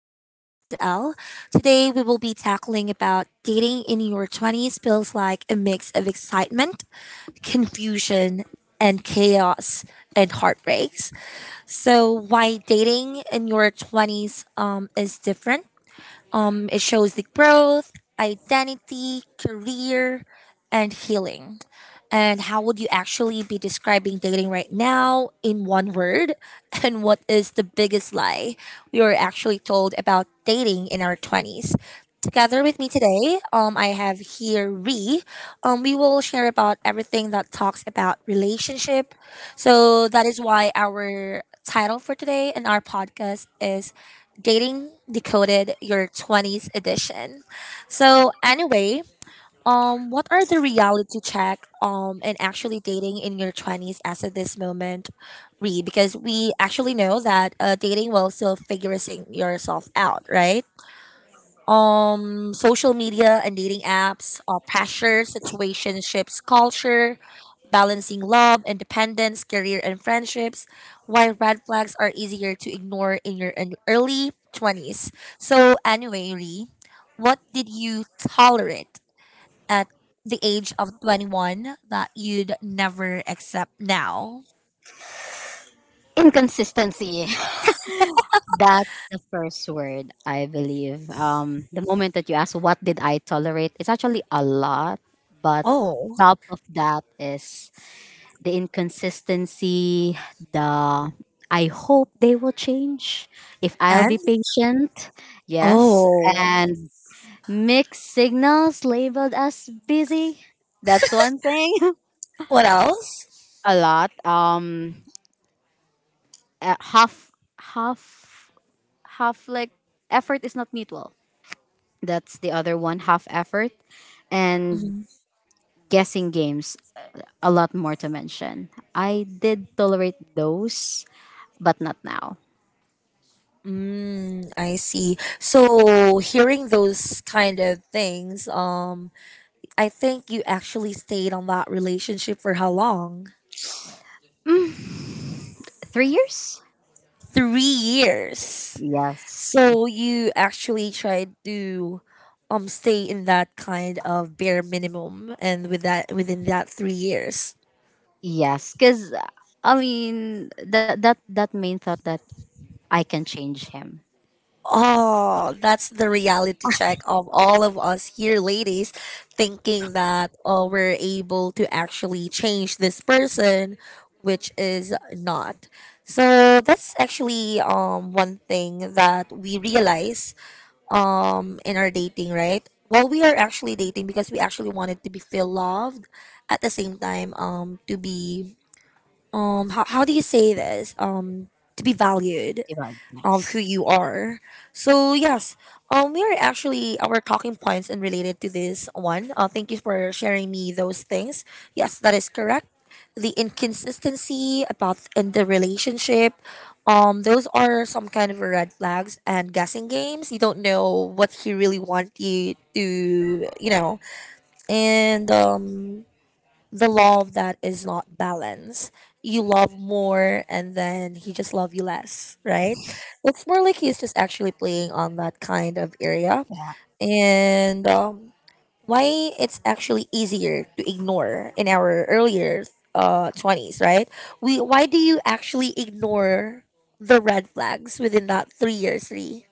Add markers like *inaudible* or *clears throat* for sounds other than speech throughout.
My name is Elle. Today, we will be tackling about dating in your 20s feels like a mix of excitement, confusion, and chaos and heartbreaks. So, why dating in your 20s is different. It shows the growth, identity, career, and healing. And how would you actually be describing dating right now in one word? *laughs* And what is the biggest lie we were actually told about dating in our 20s? Together with me today, I have here Ree. We will share about everything that talks about relationship. So that is why our title for today and our podcast is Dating Decoded Your 20s edition. So, anyway, what are the reality check and actually dating in your 20s as of this moment, Re? Because we actually know that dating will still figuring yourself out, right? Social media and dating apps, pressure, situationships culture, balancing love, independence, career and friendships. Why red flags are easier to ignore in your in early 20s. So anyway, Ree, what did you tolerate at the age of 21 that you'd never accept now? Inconsistency. *laughs* That's the first word, I believe. The moment that you ask, what did I tolerate? It's actually a lot, but Oh. top of that is the inconsistency, the I hope they will change. If I'll And be patient, yes. oh, And mixed signals labeled as busy. That's one thing. what else? *laughs* A lot. Uh, half half half like effort is not mutual, that's the other one, half effort and Mm-hmm. guessing games, a lot more to mention. I did tolerate those, but not now. Mm, I see. So hearing those kind of things, I think you actually stayed on that relationship for how long? Mm, 3 years. 3 years. Yes. So you actually tried to stay in that kind of bare minimum and within that 3 years. Yes, because I mean that main thought that I can change him, Oh, that's the reality check of all of us here, ladies, thinking that oh, we're able to actually change this person, which is not. So that's actually one thing that we realize in our dating, right? Well, we are actually dating because we actually wanted to be feel loved, at the same time to be um, how do you say this, to be valued diba? of who Yes. you are. So yes, we are actually our talking points and related to this one. Thank you for sharing me those things. Yes, that is correct. The inconsistency about in the relationship, those are some kind of red flags and guessing games. You don't know what he really want you to, you know, and the love that is not balanced. You love more and then he just love you less, right? It's more like he's just actually playing on that kind of area. And why it's actually easier to ignore in our earlier 20s, right? We Why do you actually ignore the red flags within that 3 years, three?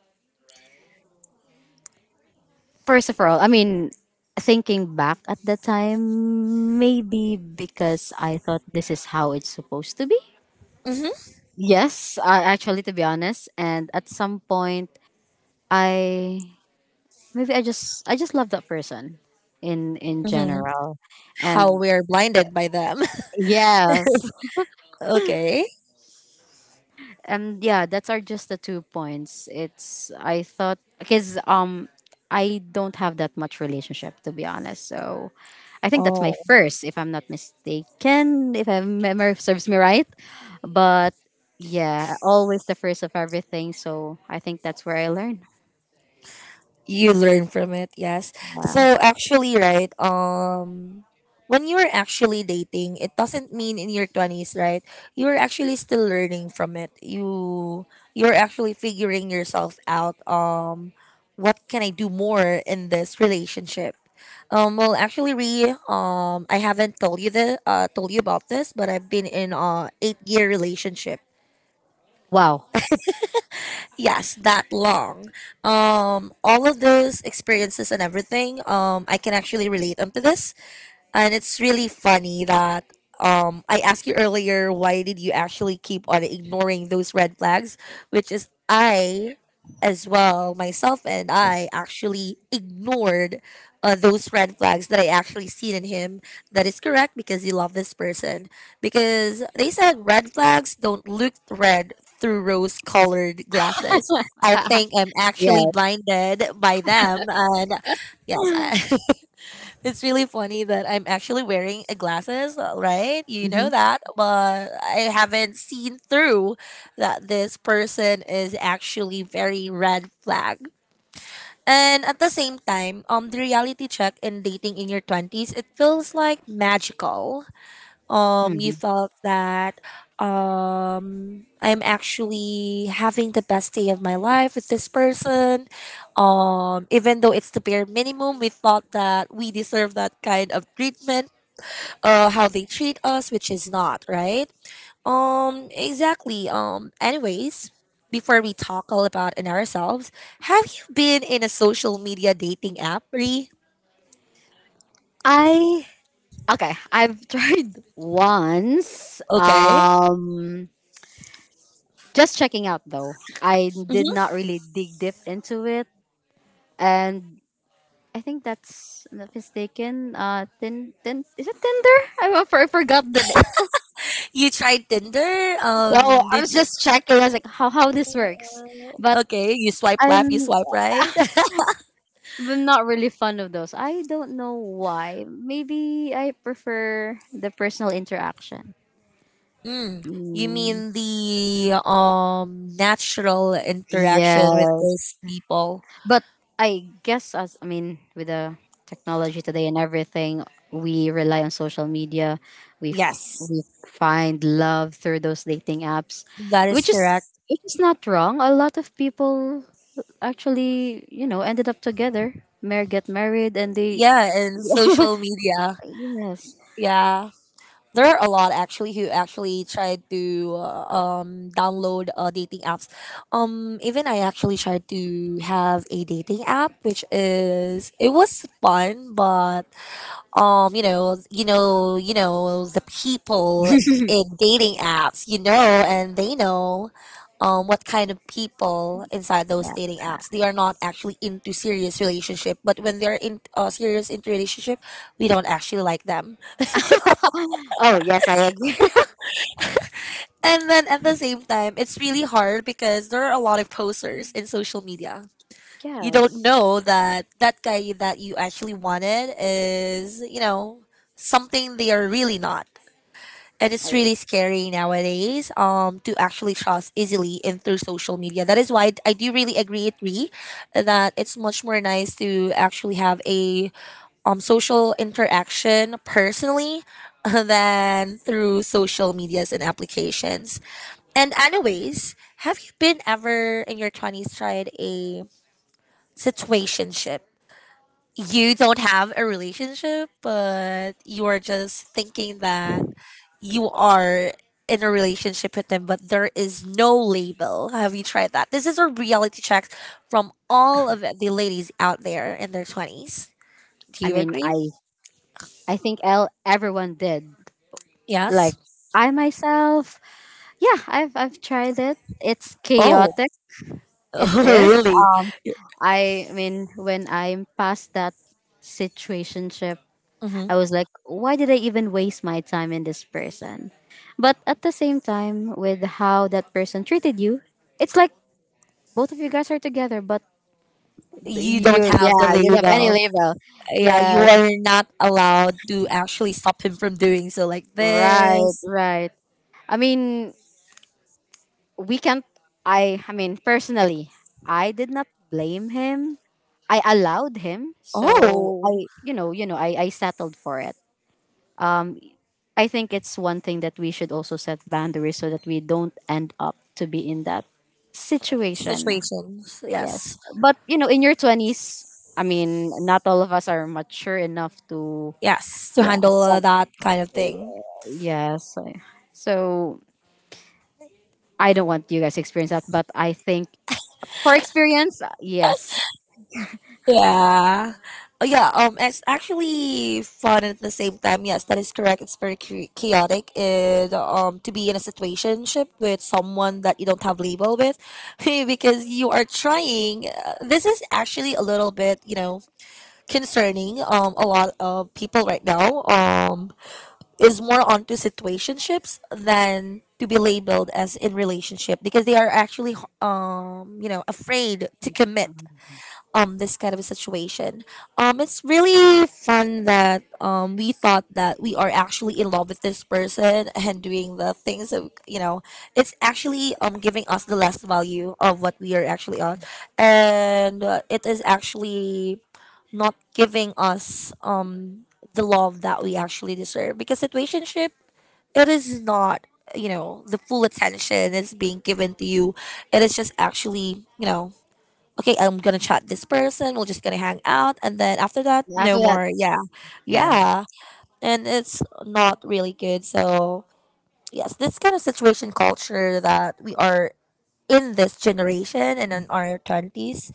First of all, I mean, thinking back at the time, maybe because I thought this is how it's supposed to be. Mm-hmm. Yes, I actually, to be honest, and at some point, I maybe I just love that person in Mm-hmm. general, How and we are blinded by them. yes, *laughs* Okay. and yeah, that's are just the two points. It's I thought because I don't have that much relationship to be honest, so I think that's my Oh. first, if I'm not mistaken, if my memory serves me right. But yeah, always the first of everything. So I think that's where I learned. You learn from it, yes. Wow. So actually, right, when you're actually dating, it doesn't mean in your 20s, right? You're actually still learning from it, you're actually figuring yourself out. What can I do more in this relationship? Well, actually, Re, I haven't told you the told you about this, but I've been in a 8 year relationship. Wow. Yes, that long. All of those experiences and everything, I can actually relate them to this. And it's really funny that I asked you earlier why did you actually keep on ignoring those red flags, which is I as well myself and I actually ignored those red flags that I actually seen in him. That is correct because you love this person, because they said red flags don't look red through rose colored glasses. I think I'm Yeah. actually blinded by them and yes, *gasps* *laughs* It's really funny that I'm actually wearing a glasses, right? You know Mhm. that, but I haven't seen through that this person is actually very red flag. And at the same time, the reality check in dating in your 20s, it feels like magical. You Mhm. felt that I'm actually having the best day of my life with this person. Even though it's the bare minimum, we thought that we deserve that kind of treatment, how they treat us, which is not, right? Exactly. Anyways, before we talk all about in ourselves, have you been in a social media dating app, Ree? I okay. I've *laughs* tried once. Okay. Just checking out though. I did not Hmm. really dig deep into it, and I think that's if I'm not mistaken. Tin, is it Tinder? I forgot the You tried Tinder? Oh, Um, I did was just checking. I was like, how this works, *laughs* but Okay, you swipe left, you I'm swipe right. *laughs* I'm not really fond of those. I don't know why. Maybe I prefer the personal interaction. Mm, you Mm, mean the natural interaction with yes, those people? but I guess as I mean with the technology today and everything, we rely on social media. We f- Yes, we find love through those dating apps, that is which is correct. which is not wrong. A lot of people actually, you know, ended up together. Mare get married and they Yeah, and social media. yes. Yeah. There are a lot actually who actually tried to download dating apps. Even I actually tried to have a dating app which is it was fun but um, you know, the people Yeah. in dating apps, you know, and they know what kind of people inside those dating apps, they are not actually into serious relationship, but when they're in serious into relationship, we don't actually like them. *laughs* Oh yes, I agree. *laughs* And then at the same time, it's really hard because there are a lot of posters in social media. You don't Yes. know that that guy that you actually wanted is, you know, something they are really not. It is I, really scary nowadays to actually trust easily in through social media. That is why I do really agree that it's much more nice to actually have a social interaction personally *laughs* than through social medias and applications. And anyways, have you been ever in your 20s tried a situationship? You don't have a relationship, but you are just thinking that you are in a relationship with them, but there is no label. Have you tried that? This is a reality check from all of the ladies out there in their 20s. Do I you mean, agree? I think el everyone did. Yes. Like I myself, yeah, I've tried it. It's Oh, chaotic. *laughs* It is. really? I mean, when I'm past that situationship. Hmm. I was like, why did I even waste my time in this person? But at the same time, with how that person treated you, it's like both of you guys are together, but You you, don't have the yeah, you don't have any label. label. Yeah, you Yes, are not allowed to actually stop him from doing so, like right, this. right. I mean, we can't. I mean, personally, I did not blame him. I allowed him, so Oh, I, you know, I settled for it. Um, I think it's one thing that we should also set boundaries so that we don't end up to be in that situation. situations. Yes. Yes. But you know, in your 20s, I mean, not all of us are mature enough to Yes, to yeah, handle some, that kind of thing. yes. So I don't want you guys to experience that, but I think for experience, yes. Yeah. Oh, yeah. It's actually fun at the same time. Yes, that is correct. It's very chaotic. And to be in a situationship with someone that you don't have label with, *laughs* because you are trying. This is actually a little bit, you know, concerning. A lot of people right now. Is more onto situationships than to be labeled as in relationship because they are actually you know, afraid to commit this kind of a situation. It's really fun that we thought that we are actually in love with this person and doing the things that, you know, it's actually giving us the less value of what we are actually on, and it is actually not giving us the love that we actually deserve because situationship, it is not, you know, the full attention is being given to you. It is just actually, you know, okay, I'm gonna chat this person. We're just gonna hang out, and then after that, After no that, more. Yeah, yeah, yeah, and it's not really good. So yes, this kind of situation culture that we are in this generation and in our 20s,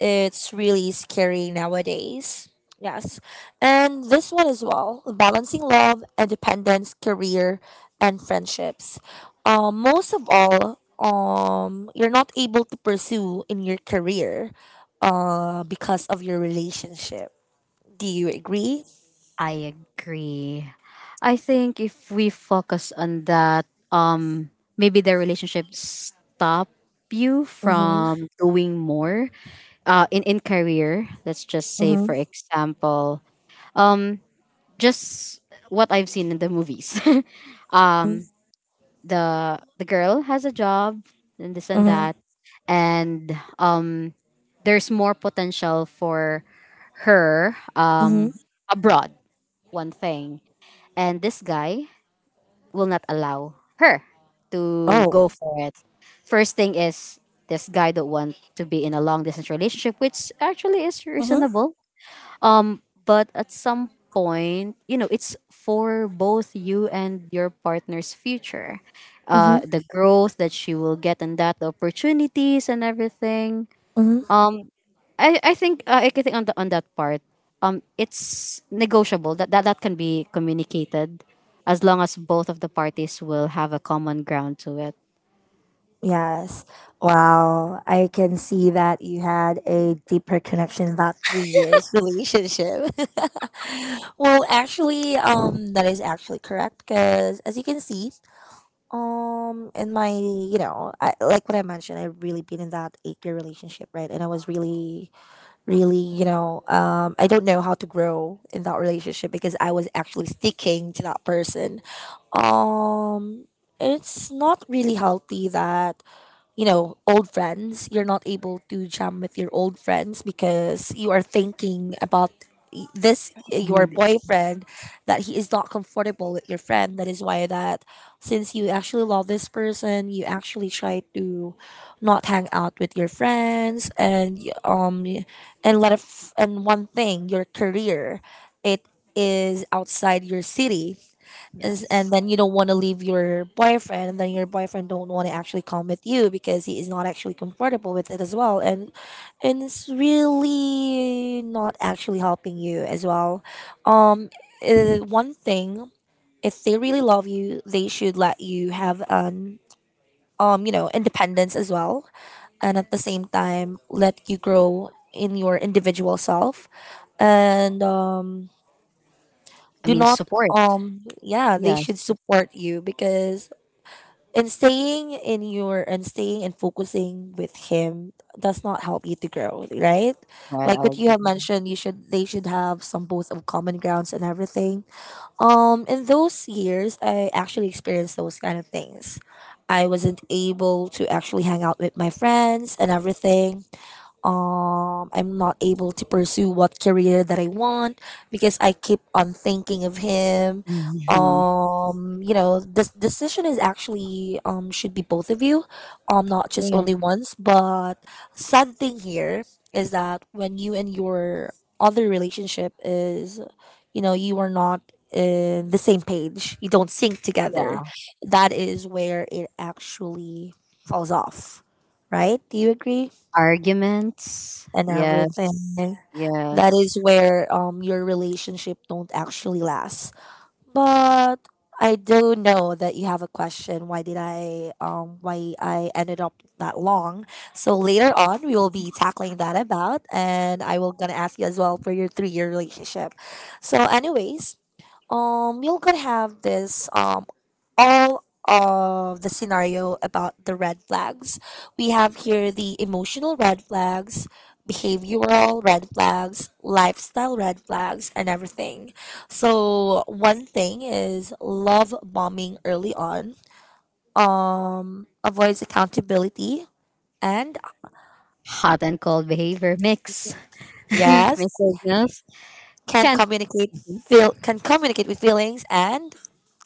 it's really scary nowadays. Yes. And this one as well, balancing love, independence, career and friendships. Most of all, you're not able to pursue in your career because of your relationship. Do you agree? I agree. I think if we focus on that, maybe the relationship stop you Mm-hmm. from doing more. In career, let's just say, Mm-hmm. for example, um, just what I've seen in the movies. *laughs* um, the girl has a job and this and that, Mm-hmm. and there's more potential for her Mm-hmm. Abroad. One thing and this guy will not allow her to Oh. go for it. First thing is this guy don't want to be in a long distance relationship, which actually is Mm-hmm. reasonable. But at some point, you know, it's for both you and your partner's future. Mm-hmm. The growth that she will get and that the opportunities and everything. Um. I think I think on on that part, it's negotiable that that can be communicated, as long as both of the parties will have a common ground to it. Yes. Wow. I can see that you had a deeper connection about 3 years relationship. *laughs* Well, actually, that is actually correct because as you can see, in my, you know, like what I mentioned, I've really been in that 8 year relationship, right? And I was really, really, you know, I don't know how to grow in that relationship because I was actually sticking to that person. Um, it's not really healthy that, you know, old friends. You're not able to jam with your old friends because you are thinking about y- this your Mhm. It's, boyfriend, that he is not comfortable with your friend. That is why that since you actually love this person, you actually try to not hang out with your friends and and let it and one thing, your career, it is outside your city is, yes, and then you don't want to leave your boyfriend, and then your boyfriend don't want to actually come with you because he is not actually comfortable with it as well, and it's really not actually helping you as well. um One thing, if they really love you, they should let you have an independence as well, and at the same time let you grow in your individual self. And I do mean not support. Yeah, they Yeah, should support. support you because and staying in your and staying and focusing with him does not help you to grow, right? I Like what you have agree. mentioned, you should they should have some both of common grounds and everything. In those years I actually experienced those kind of things. I wasn't able to actually hang out with my friends and everything. I'm not able to pursue what career that I want because I keep on thinking of him. Hmm. This decision is actually should be both of you, not just Yeah. only once. But sad thing here is that when you and your other relationship is, you are not the same page. You don't sync together. Yeah, That is where it actually falls off, right? Do you agree? arguments. And Yes, everything. That yes. is where your relationship don't actually last. But I do know that you have a question. Why did I why I ended up that long? So later on we will be tackling that about, and I will gonna ask you as well for your 3-year relationship. So anyways, you're gonna have this all of the scenario about the red flags. We have here the emotional red flags, behavioral red flags, lifestyle red flags, and everything. So one thing is love bombing early on. Avoids accountability and Hot and cold behavior mix. *laughs* yes, Mixed signals can can't communicate be feel can communicate with feelings and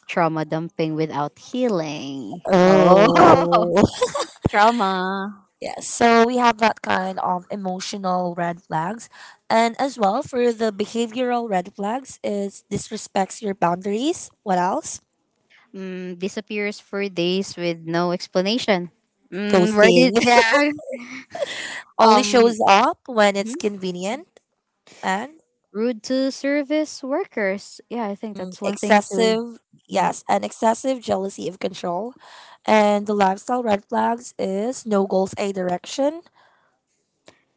trauma dumping without healing. Oh, oh. *laughs* trauma. Yes, so we have that kind of emotional red flags. And as well for the behavioral red flags is disrespects your boundaries. What else? Mm, disappears for days with no explanation. Mm, where Ghosting. did yeah? *laughs* *laughs* Only Um, shows up when it's mhm. convenient and Rude to service workers. Yeah, I think mm, that's one thing too. excessive, Mm. yes, and excessive jealousy of control. And the lifestyle red flags is no goals, a direction.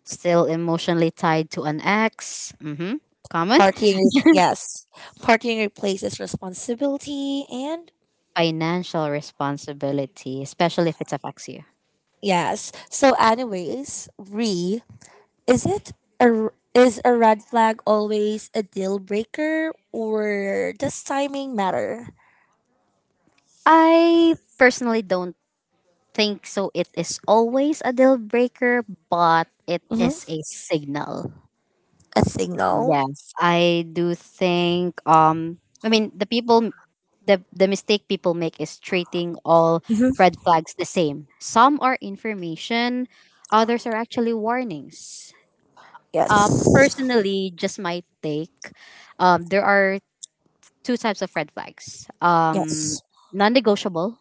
Still emotionally tied to an ex. Mm-hmm. Common Partying, yes. Partying replaces responsibility and financial responsibility, especially if it affects you. yes. So, anyways, re, is it a is a red flag always a deal breaker, or does timing matter? I personally don't think so. It is always a deal breaker, but it is Hmm. a signal. A signal. Yes, I do think I mean the people the mistake people make is treating all Hmm. red flags the same. Some are information, others are actually warnings. Yes. Personally, just my take, there are two types of red flags. Yes. Non-negotiable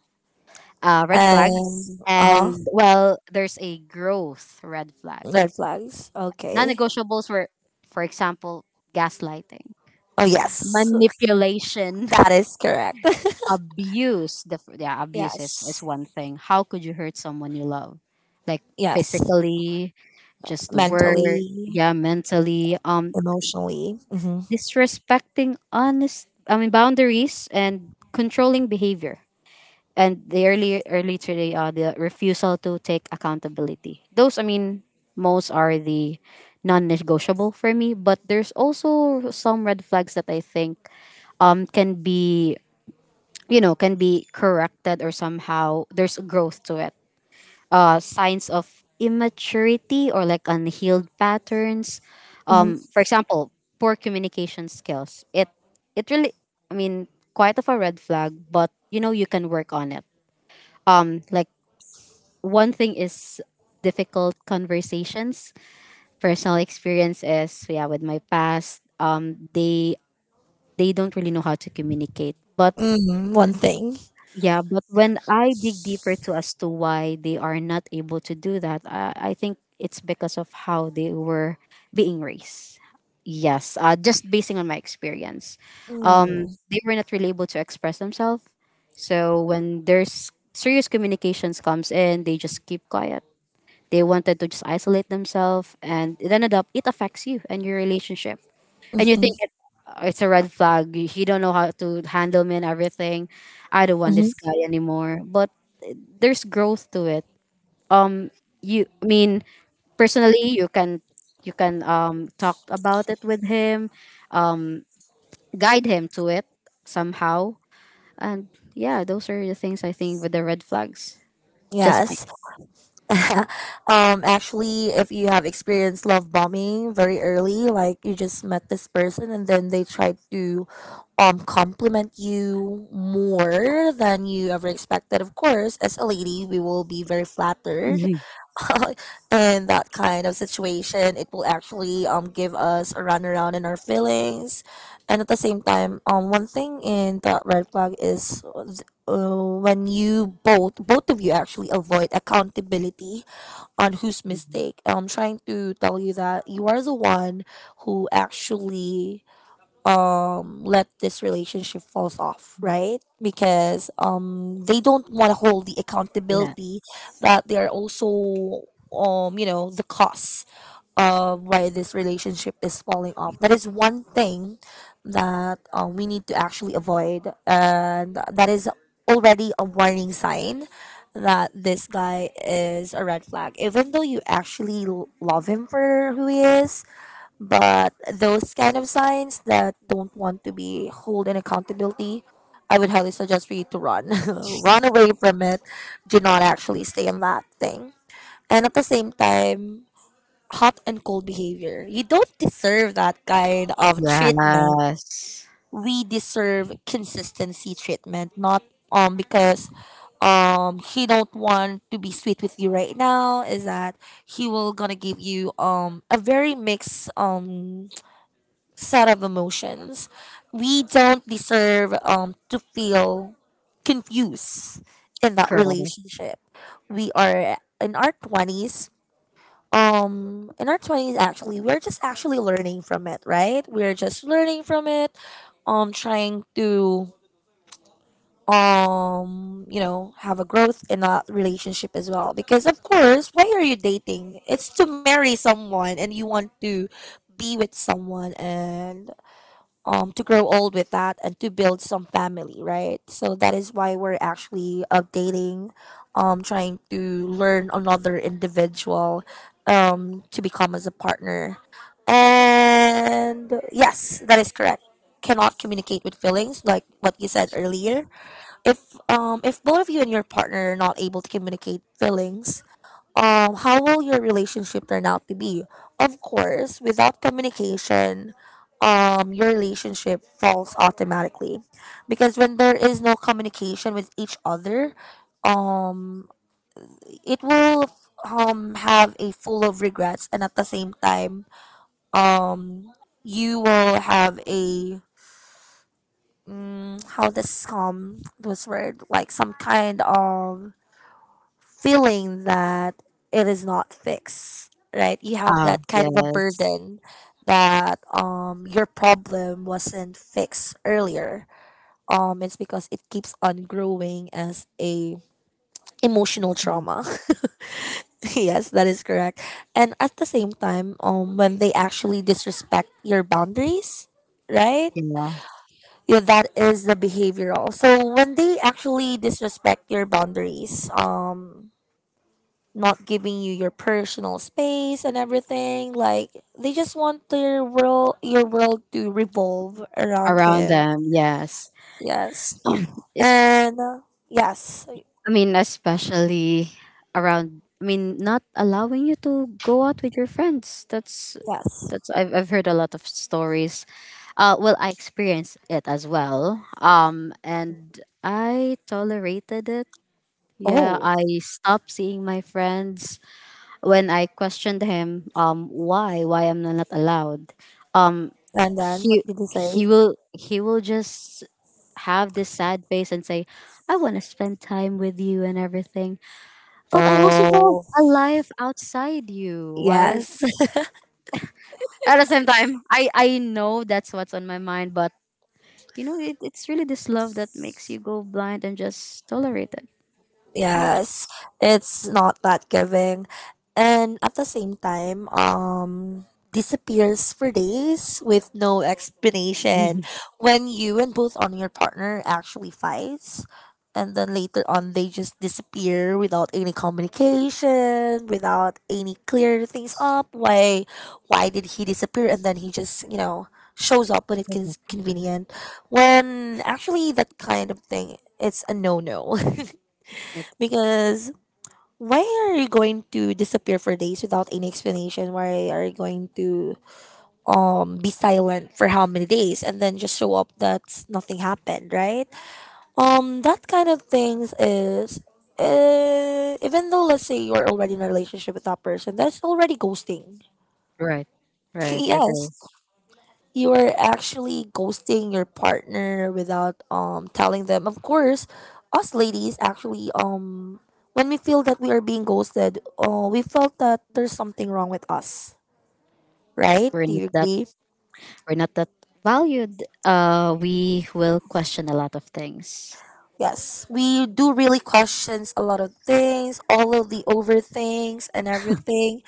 red And flags uh huh. and well, there's a growth red flag. Red flags. Okay. Non-negotiables were for example gaslighting Oh yes, manipulation, *laughs* that is correct. *laughs* *laughs* abuse. The f- yeah, abuse is Yes. one thing. How could you hurt someone you love? Like Yes. physically, just the word, Mentally, yeah, mentally. Emotionally. Mm-hmm. Disrespecting honest, I mean boundaries and controlling behavior. And the early early today, the refusal to take accountability. Those, I mean, most are the non-negotiable for me. But there's also some red flags that I think can be you know can be corrected or somehow there's growth to it signs of immaturity or like unhealed patterns Mm-hmm. for example poor communication skills it it really I mean quite of a red flag but you know you can work on it like one thing is difficult conversations personal experience is yeah with my past they don't really know how to communicate but Mm-hmm. One thing. yeah, but when I dig deeper to as to why they are not able to do that, I think it's because of how they were being raised. Yes, just basing on my experience, Mm-hmm. They were not really able to express themselves. So when there's serious communications comes in, they just keep quiet. They wanted to just isolate themselves, and it ended up it affects you and your relationship and you Mm-hmm. think it, it's a red flag. He don't know how to handle me and everything. I don't want this guy anymore. But there's growth to it. Um, you I mean personally, you can talk about it with him, um guide him to it somehow, and yeah, those are the things I think with the red flags. Just my Yes. *laughs* Actually, if you have experienced love bombing very early, like you just met this person, and then they tried to compliment you more than you ever expected, of course, as a lady we will be very flattered. *laughs* *laughs* And that kind of situation, it will actually give us a run around in our feelings. And at the same time, one thing in that red flag is when you both of you actually avoid accountability on whose mistake. I'm trying to tell you that you are the one who actually let this relationship falls off, right? Because they don't want to hold the yeah accountability that they are also the cause of why this relationship is falling off. That is one thing that we need to actually avoid, and that is already a warning sign that this guy is a red flag, even though you actually love him for who he is. But those kind of signs that don't want to be held in accountability, I would highly suggest for you to run. *laughs* Run away from it. Do not actually stay in that thing. And at the same time, hot and cold behavior. You don't deserve that kind of treatment. yes We deserve consistency treatment, not because he don't want to be sweet with you right now is that he will gonna give you a very mixed set of emotions. We don't deserve, to feel confused in that correct. relationship. We are in our 20s. In our 20s, actually, we're just actually learning from it, right? We're just learning from it, trying to, have a growth in that relationship as well. Because, of course, why are you dating? It's to marry someone and you want to be with someone, and to grow old with that, and to build some family, right? So that is why we're actually updating, trying to learn another individual, to become as a partner. And yes, that is correct. Cannot communicate with feelings, like what you said earlier. If both of you and your partner are not able to communicate feelings, how will your relationship turn out to be? Of course, without communication, your relationship falls automatically, because when there is no communication with each other, um, it will have a full of regrets, and at the same time, um, you will have a mm, how this this word, like some kind of feeling that it is not fixed, right? You have Ah, that kind of a yes, burden that your problem wasn't fixed earlier. It's because it keeps on growing as a emotional trauma. *laughs* Yes, that is correct. And at the same time, when they actually disrespect your boundaries, right? yeah. Yeah, that is the behavioral. So when they actually disrespect your boundaries, not giving you your personal space and everything. Like they just want their world, your world to revolve around Around him. them, yes. Yes, *clears throat* It's. and yes, I mean, especially around. I mean, not allowing you to go out with your friends. That's yes. that's. I've heard a lot of stories. Well, I experienced it as well. And I tolerated it. Yeah, Oh, I stopped seeing my friends when I questioned him. Why? Why am I not allowed? Um, and then what he did he he say? will he will just have this sad face and say, "I want to spend time with you and everything." But I also know Oh, a life outside you. Why? Is- yes. *laughs* At the same time, I know that's what's on my mind, but you know, it, it's really this love that makes you go blind and just tolerate it. It's- Yes, just- it's not that giving. And at the same time, disappears for days with no explanation. Mhm, When you and both on your partner actually fights, and then later on they just disappear without any communication, without any clear things up. Why did he disappear? And then he just shows up when it's that's it. Convenient. When actually that kind of thing, it's a no no. It *laughs* Because why are you going to disappear for days without any explanation? Why are you going to be silent for how many days, and then just show up that nothing happened, right? That kind of things is even though let's say you're already in a relationship with that person, that's already ghosting. right, right. It *laughs* Yes, is. you are actually ghosting your partner without telling them. Of course, us ladies actually when we feel that we are being ghosted, we felt that there's something wrong with us, right? We're Do not you that. agree? We're not that valued. We will question a lot of things. Yes, we do really questions a lot of things, all of the over things and everything.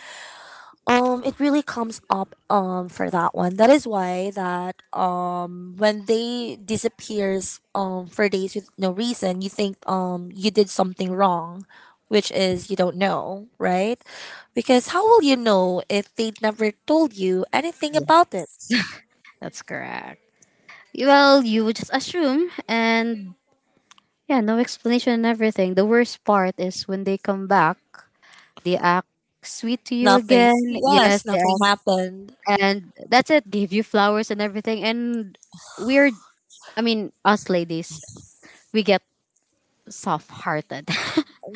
It really comes up for that one. That is why that when they disappears for days with no reason, you think you did something wrong, which is you don't know, right? Because how will you know if they never told you anything Yeah, about it? that's correct. Well, you would just assume and yeah, no explanation and everything. The worst part is when they come back They act sweet to you Nothing. again. Yes, Yes, they nothing act. happened. And that's it. Give you flowers and everything. And we're, I mean, us ladies, we get soft hearted.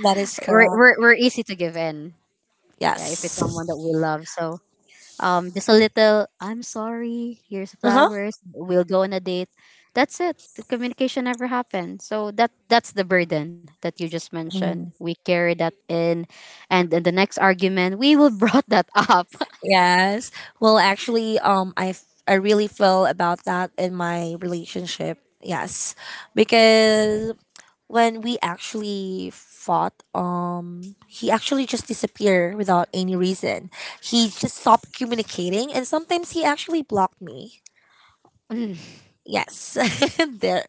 That is *laughs* correct. We're easy to give in. Yeah, if it's Yes. someone that we love. So just a little, I'm sorry, here's Uh flowers. We'll go on a date. That's it. The communication never happened. So that that's the burden that you just mentioned. We huh. carry that in and in the next argument we will *laughs* brought that up. Yes. Well, actually, I I really feel about that in my relationship. Yes, because when we actually fought, he actually just disappeared without any reason. He just stopped communicating, and sometimes he actually blocked me. *laughs* Yes, *laughs* there.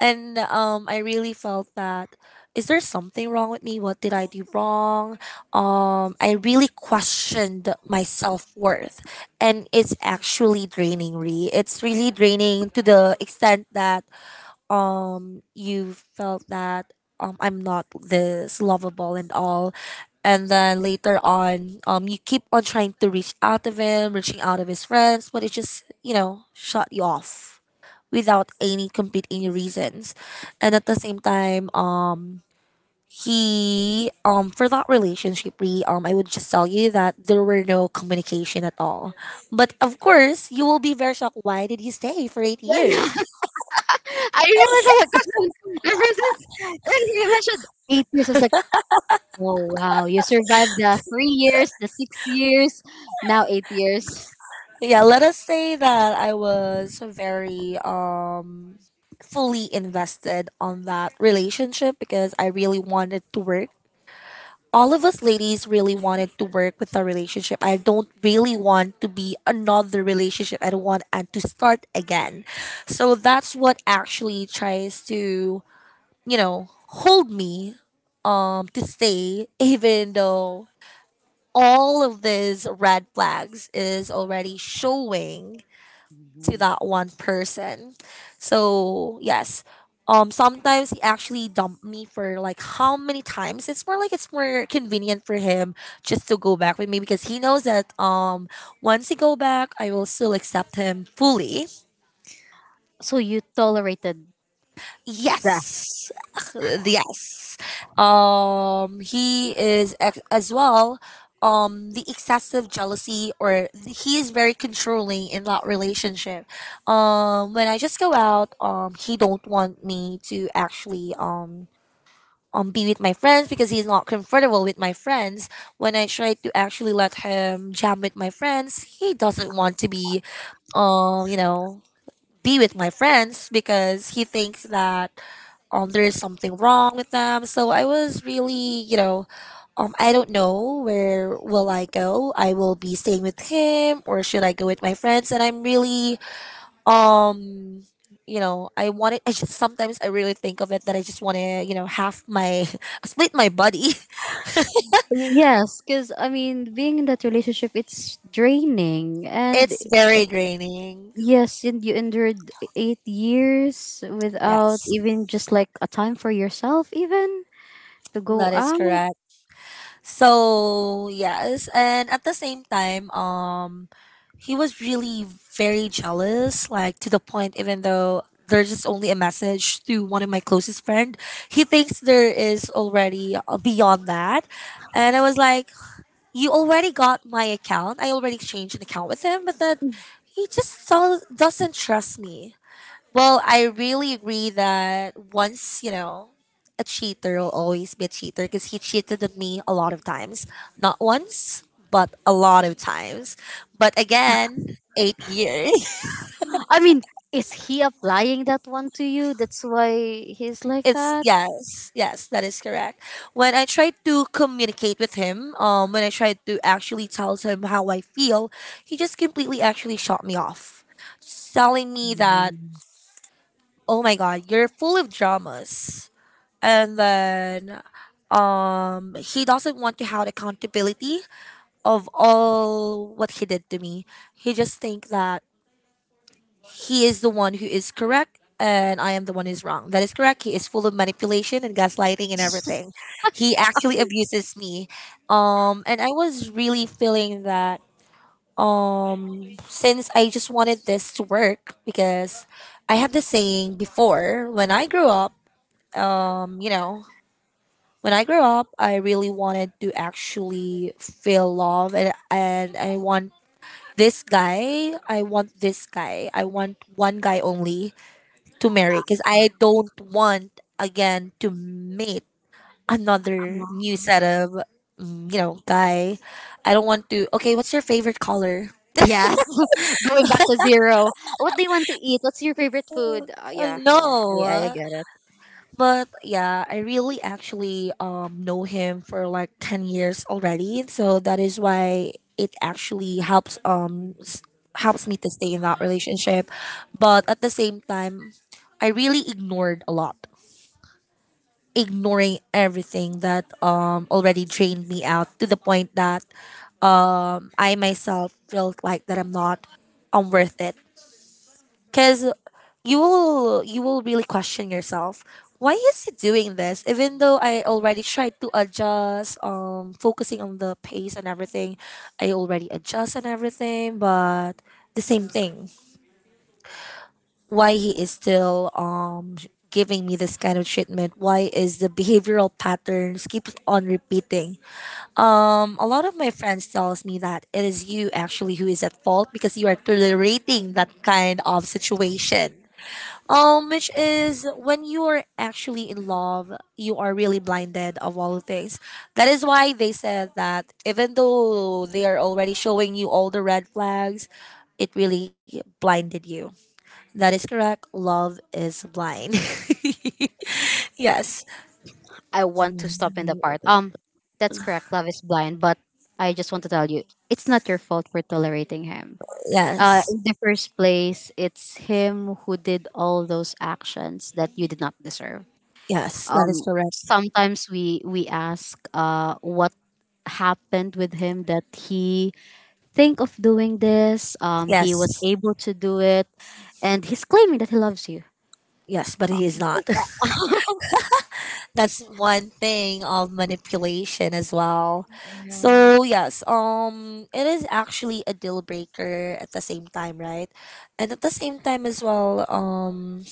And I really felt that, is there something wrong with me? What did I do wrong? I really questioned my self worth, and it's actually draining. Re, it's really draining to the extent that you felt that I'm not this lovable and all, and then later on you keep on trying to reach out of him, reaching out of his friends, but it just shut you off without any complete any reasons. And at the same time, he for that relationship re, I would just tell you that there were no communication at all. But of course you will be very shocked, why did he stay for eight Yeah, yeah. years *laughs* I remember that because ever since like, you mentioned 8 years, I was like, oh wow, you survived the 3 years, the 6 years, now 8 years. Yeah, let us say that I was very fully invested on that relationship because I really wanted to work. All of us ladies really wanted to work with our relationship. I don't really want to be another relationship, I don't want and to start again. So that's what actually tries to, you know hold me to stay. *laughs* Even though all of these red flags is already showing to that one person. So yes. Sometimes he actually dumped me for like how many times. It's more like it's more convenient for him just to go back with me because he knows that once he go back, I will still accept him fully. So you tolerated that. Yes. Yes. He is as well the excessive jealousy, or he is very controlling in that relationship. When I just go out, he don't want me to actually be with my friends because he's not comfortable with my friends. When I try to actually let him jam with my friends, he doesn't want to be, um, you know, be with my friends because he thinks that there is something wrong with them. So I was really, you know, I don't know where will I go. I will be staying with him, or should I go with my friends? And I'm really, um, I wanted. I just sometimes I really think of it, that I just want to, half my *laughs* split my body. *laughs* Yes, because I mean, being in that relationship, it's draining. And It's very draining. yes, and you endured 8 years without Yes, even just like a time for yourself, even to go that is out. correct. So yes, and at the same time, he was really very jealous, like to the point even though there's just only a message to one of my closest friend, he thinks there is already beyond that, and I was like, you already got my account. I already exchanged an account with him, but that he just doesn't trust me well, I really agree that once, a cheater will always be a cheater because he cheated on me a lot of times. Not once, but a lot of times. But again, 8 years. *laughs* I mean, is he applying that one to you? That's why he's like It's that? Yes, yes, that is correct. When I tried to communicate with him, when I tried to actually tell him how I feel, he just completely actually shot me off, telling me that, oh my God, you're full of dramas, and then he doesn't want to have accountability of all what he did to me. He just think that he is the one who is correct and I am the one who's wrong. That is correct. He is full of manipulation and gaslighting and everything. He actually abuses me. And I was really feeling that, since I just wanted this to work because I had this saying before when I grew up. um you know When I grew up, I really wanted to actually feel love, and I want this guy, I want one guy only to marry because I don't want again to meet Uh, another new set of guy. I don't want to. Okay, what's your favorite color? Yes. *laughs* Going back to zero. What do you want to eat? What's your favorite food? Uh, Yeah, yeah. I no. get it. But yeah, I really actually know him for like 10 years already, so that is why it actually helps, helps me to stay in that relationship. But at the same time, I really ignored a lot, ignoring everything that already drained me out to the point that I myself felt like that I'm not, I worth it, because you will really question yourself, why is he doing this even though I already tried to adjust, focusing on the pace and everything. I already adjust and everything, but the same thing, why he is still giving me this kind of treatment? Why is the behavioral patterns keeps on repeating? A lot of my friends tells me that it is you actually who is at fault because you are tolerating that kind of situation, which is, when you are actually in love, you are really blinded of all things. That is why they said that even though they are already showing you all the red flags, it really blinded you. That is correct. Love is blind. *laughs* Yes. I want to stop in the part. That's correct. Love is blind, but I just want to tell you, it's not your fault for tolerating him. Yes. In the first place, it's him who did all those actions that you did not deserve. Yes. That is correct. Sometimes we ask, what happened with him that he think of doing this he was Yes. able to do it and he's claiming that he loves you Yes. But he is not. That's one thing of manipulation as well. So Yes. yes, it is actually a deal breaker at the same time, right? And at the same time as well,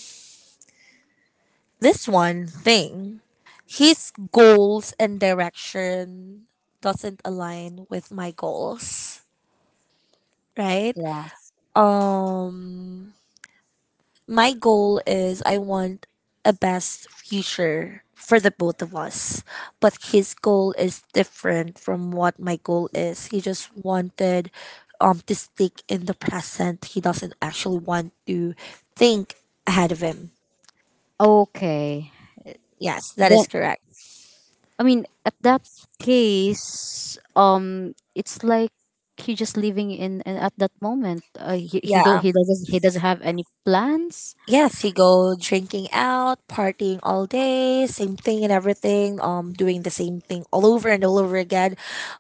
this one thing, his goals and direction doesn't align with my goals, right? yeah Um my goal is I want a best future for the both of us. But his goal is different from what my goal is. He just wanted to stick in the present. He doesn't actually want to think ahead of him. okay Yes, that then is correct. I mean, at that case, it's like he just living in at that moment, he, he Yeah. don't he doesn't he doesn't have any plans. Yes, he go drinking out, partying all day, same thing and everything. Doing the same thing all over and all over again.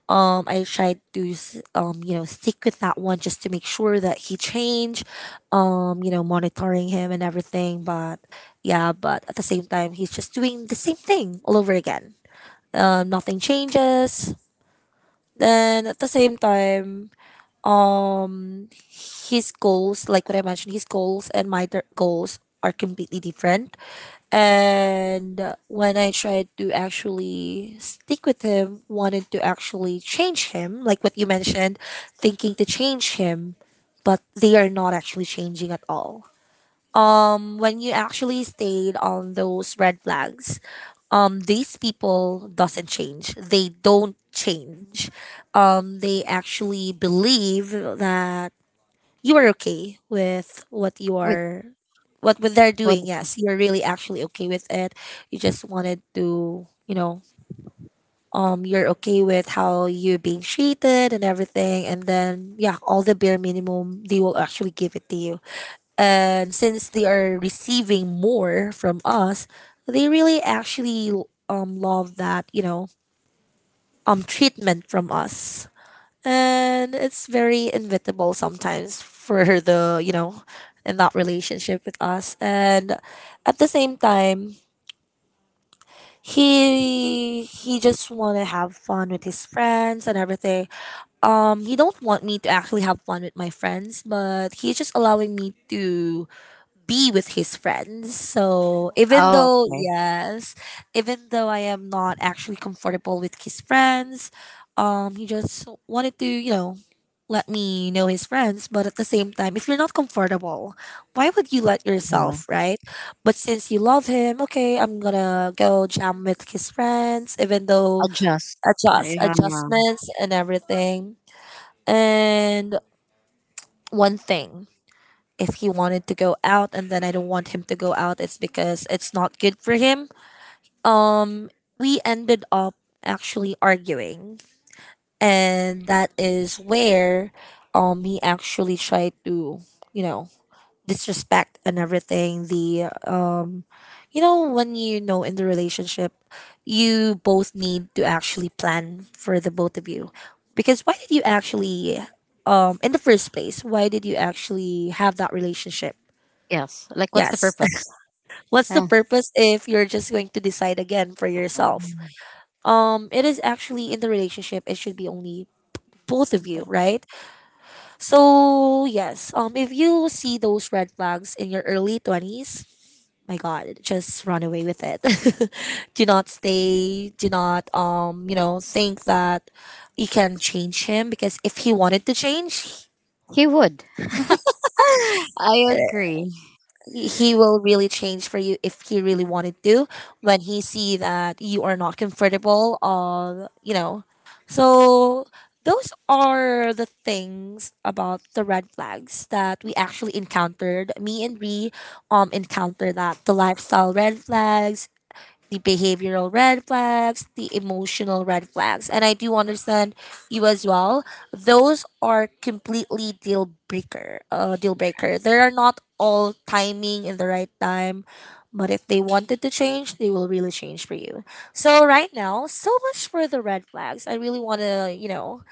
I tried to stick with that one just to make sure that he change. Monitoring him and everything. But yeah, but at the same time, he's just doing the same thing all over again. Nothing changes. Then at the same time, um his goals, like what I mentioned, his goals and my goals are completely different. And when I tried to actually stick with him, wanted to actually change him, like what you mentioned, thinking to change him, but they are not actually changing at all. When you actually stayed on those red flags, these people doesn't change, they don't change. They actually believe that you are okay with what you wait are, what they're what doing. Yes, you're really actually okay with it. You just wanted to, you're okay with how you're being treated and everything, and then yeah, all the bare minimum they will actually give it to you. And since they are receiving more from us, they really actually love that, treatment from us. And it's very inevitable sometimes for *laughs* the, in that relationship with us. And at the same time, he just want to have fun with his friends and everything. He don't want me to actually have fun with my friends, but he's just allowing me to be with his friends. So even oh though, okay yes, even though I am not actually comfortable with his friends, he just wanted to, let me know his friends. But at the same time, if you're not comfortable, why would you let yourself, right? But since you love him, okay, I'm gonna go jam with his friends, even though, Adjust. adjust, Yeah. adjustments and everything. And one thing, if he wanted to go out and then I don't want him to go out, it's because it's not good for him. Um, we ended up actually arguing, and that is where he actually tried to, you know, disrespect and everything the you know, when in the relationship, you both need to actually plan for the both of you, because why did you actually in the first place, why did you actually have that relationship? Yes, like, what's the Yes. purpose? *laughs* What's the Uh, purpose if you're just going to decide again for yourself? It is actually, in the relationship, it should be only both of you, right? So yes, if you see those red flags in your early 20s, my god, just run away with it. *laughs* Do not stay, do not think that you can change him, because if he wanted to change, he would. *sighs* *laughs* I agree. he will really change for you, if he really wanted to, when he see that you are not comfortable, so those are the things about the red flags that we actually encountered, me and we encountered that, the lifestyle red flags, the behavioral red flags, the emotional red flags. And I do understand you as well. Those are completely deal breaker. Deal breaker. They are not all timing in the right time. But if they wanted to change, they will really change for you. So right now, so much for the red flags. I really want to,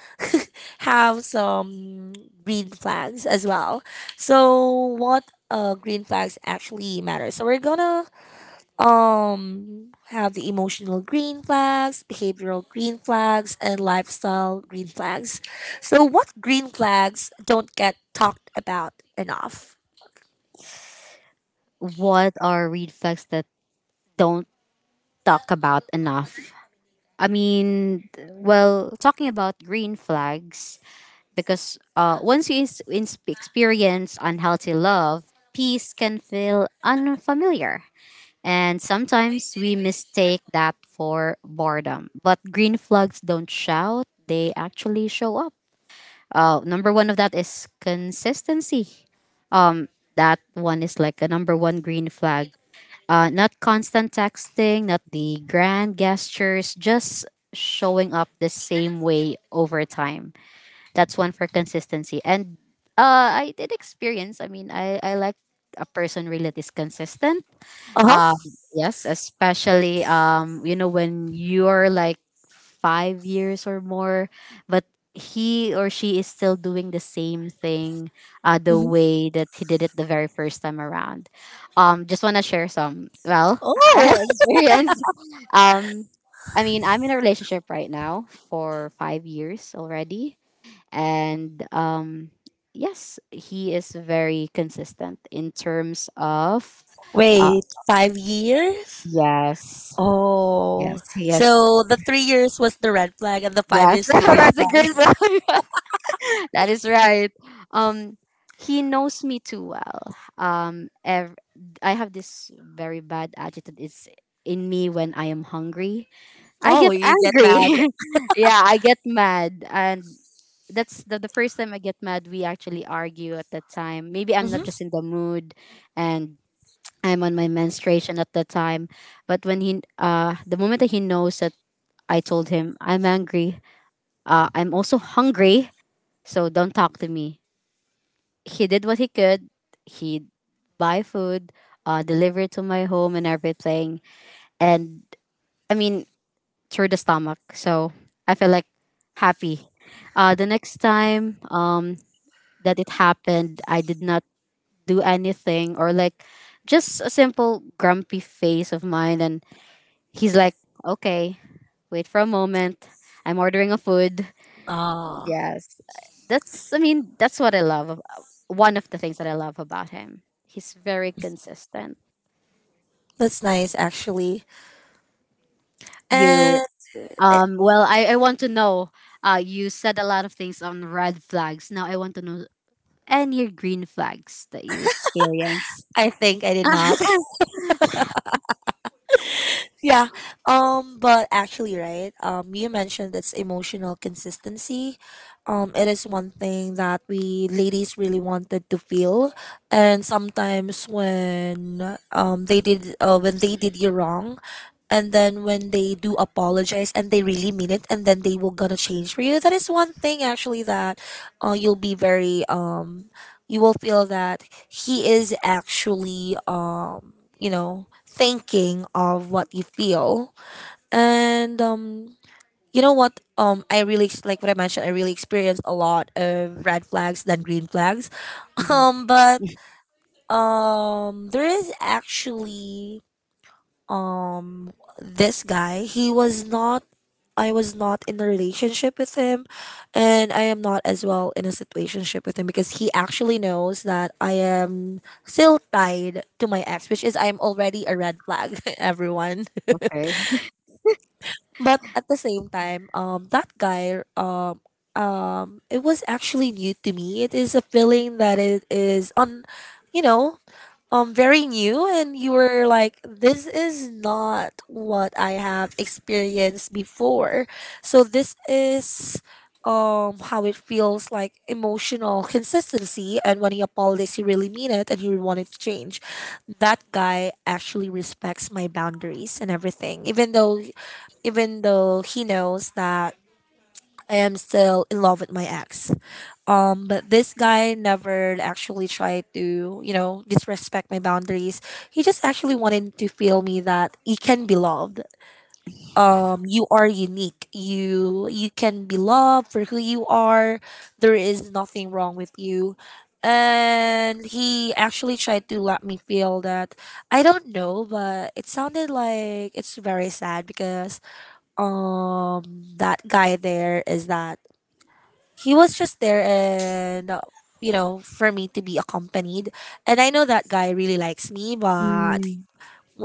have some green flags as well. So what green flags actually matter? So we're gonna have the emotional green flags, behavioral green flags, and lifestyle green flags. So what green flags don't get talked about enough? What are red flags that don't talk about enough? I mean, well, talking about green flags, because once you experience unhealthy love, peace can feel unfamiliar. And sometimes we mistake that for boredom. But green flags don't shout, they actually show up. Number one of that is consistency. um that one is like a number one green flag, not constant texting, not the grand gestures, just showing up the same way over time. That's one for consistency. And I did experience. I mean, I like a person really that is consistent. Uh um, huh. yes, especially when you're like 5 years or more, but he or she is still doing the same thing, the Hmm. way that he did it the very first time around. Just want to share some, well, *laughs* Oh, experience. Um, I mean, I'm in a relationship right now for 5 years already, and yes, he is very consistent in terms of. *laughs* uh, wait, 5 years. Yes. Yes. Oh, Yes. so the 3 years was the red flag, and the five Yes. *laughs* years the green That's a flag. great one. *laughs* That is right. Um, he knows me too well. I have this very bad attitude. It's in me when I am hungry. I Oh, get you get mad. angry. *laughs* Yeah, I get mad, and that's the first time I get mad. We actually argue at that time. Maybe I'm not Mm-hmm. just in the mood, and I'm on my menstruation at the time. But when the moment that he knows that I told him, I'm angry. I'm also hungry, so don't talk to me. He did what he could. He buy food, deliver it to my home and everything. And I mean, through the stomach. So I feel like happy. The next time that it happened, I did not do anything, or like just a simple grumpy face of mine. And he's like, okay, wait for a moment. I'm ordering a food. Ah, Yes. That's, I mean, that's what I love. One of the things that I love about him. He's very consistent. that's nice actually. You And I I want to know, you said a lot of things on red flags. Now I want to know any green flags that you experience. I think I did not. Yeah. But actually, right? You mentioned it's emotional consistency. It is one thing that we ladies really wanted to feel, and sometimes when they did, you wrong, and then when they do apologize and they really mean it, and then they will gonna change for you, that is one thing actually that, you'll be very you will feel that he is actually, thinking of what you feel. And you know what I really like what I mentioned, I really experienced a lot of red flags than green flags. *laughs* Mhm. But there is actually um this guy, he was not, I was not in a relationship with him, and I am not as well in a situationship with him, because he actually knows that I am still tied to my ex, which is I'm already a red flag, *laughs* everyone. *laughs* Okay. But at the same time, that guy, it was actually new to me. It is a feeling that it is on, you know, very new, and you were like, this is not what I have experienced before. So this is how it feels like, emotional consistency. And when he apologized, he really mean it, and he wanted to change. That guy actually respects my boundaries and everything, even though, he knows that I am still in love with my ex. But this guy never actually tried to, disrespect my boundaries. He just actually wanted to feel me that he can be loved. You are unique. You can be loved for who you are. There is nothing wrong with you. And he actually tried to let me feel that. I don't know, but it sounded like it's very sad because um that guy there is that, he was just there and you know, for me to be accompanied. And I know that guy really likes me, but Mm,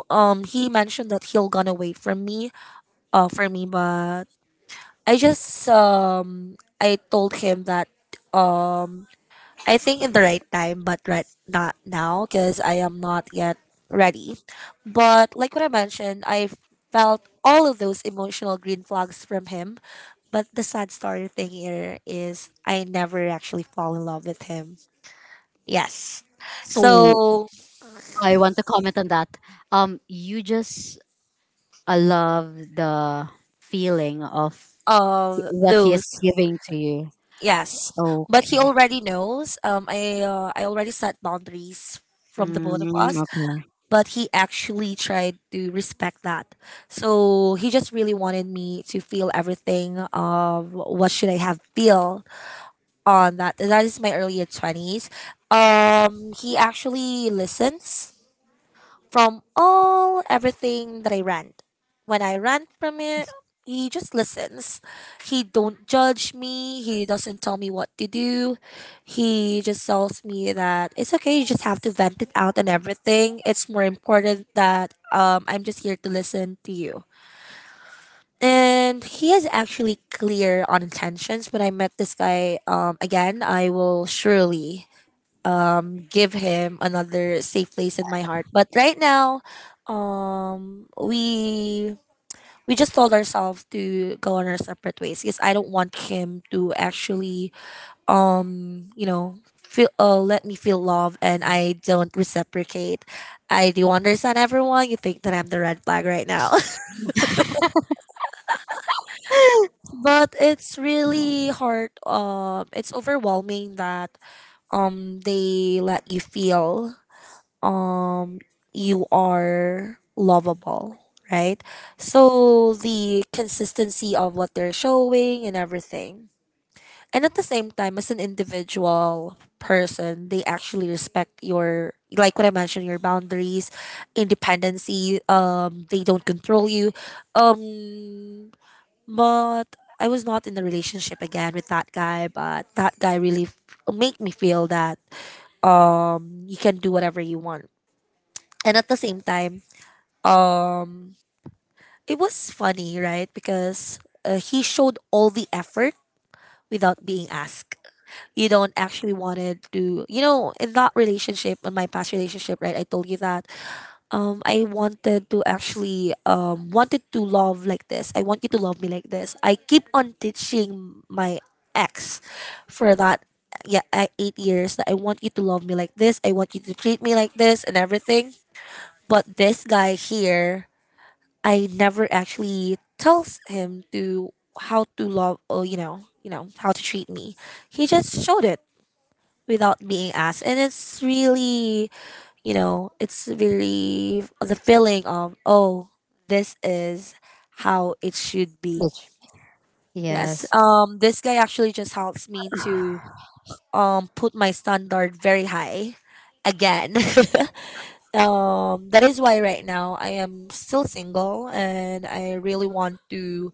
he mentioned that he'll gonna wait for me, for me. But I just I told him that um I think in the right time, but right not now because I am not yet ready. But like what I mentioned, I felt all of those emotional green flags from him. But the sad story thing here is I never actually fall in love with him. Yes. so So I want to comment on that. You just I love the feeling of what he is those giving to you. yes. But he Okay. already knows. I already set boundaries from the both of Mm, us. okay. But he actually tried to respect that. So he just really wanted me to feel everything of what should I have feel on that. That is my early twenties. He actually listens from all everything that I rant. When I rant from it, he just listens. He don't judge me. He doesn't tell me what to do. He just tells me that it's okay. You just have to vent it out and everything. It's more important that I'm just here to listen to you. And he is actually clear on intentions. When I met this guy again, I will surely give him another safe place in my heart. But right now, um we we just told ourselves to go on our separate ways because I don't want him to actually you know, feel let me feel love and I don't reciprocate. I do understand, everyone. You think that I'm the red flag right now. *laughs* But it's really hard, it's overwhelming that they let you feel um you are lovable, right? So the consistency of what they're showing and everything, and at the same time as an individual person, they actually respect your, like what I mentioned, your boundaries, independency. They don't control you. Um but I was not in a relationship again with that guy, but that guy really made me feel that you can do whatever you want. And at the same time, um it was funny, right? Because he showed all the effort without being asked. You don't actually wanted to, you know, in that relationship, in my past relationship, right, I told you that I wanted to actually wanted to love like this. I want you to love me like this. I keep on teaching my ex for that, yeah, 8 years, that I want you to love me like this. I want you to treat me like this and everything. But this guy here, I never actually tells him to how to love, or you know, how to treat me. He just showed it without being asked. And it's really, you know, it's very the feeling of, oh, this is how it should be. *laughs* Yes. Yes. This guy actually just helps me to put my standard very high again. *laughs* That is why right now I am still single and I really want to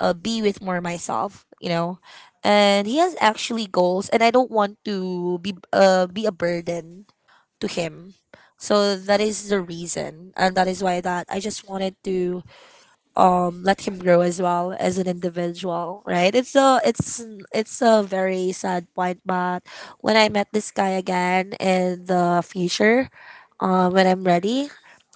be with more myself, you know. And he has actually goals, and I don't want to be a burden to him. So that is the reason, and that is why that I just wanted to let him grow as well as an individual, right? It's a it's a very sad point. But when I met this guy again in the future, when I'm ready,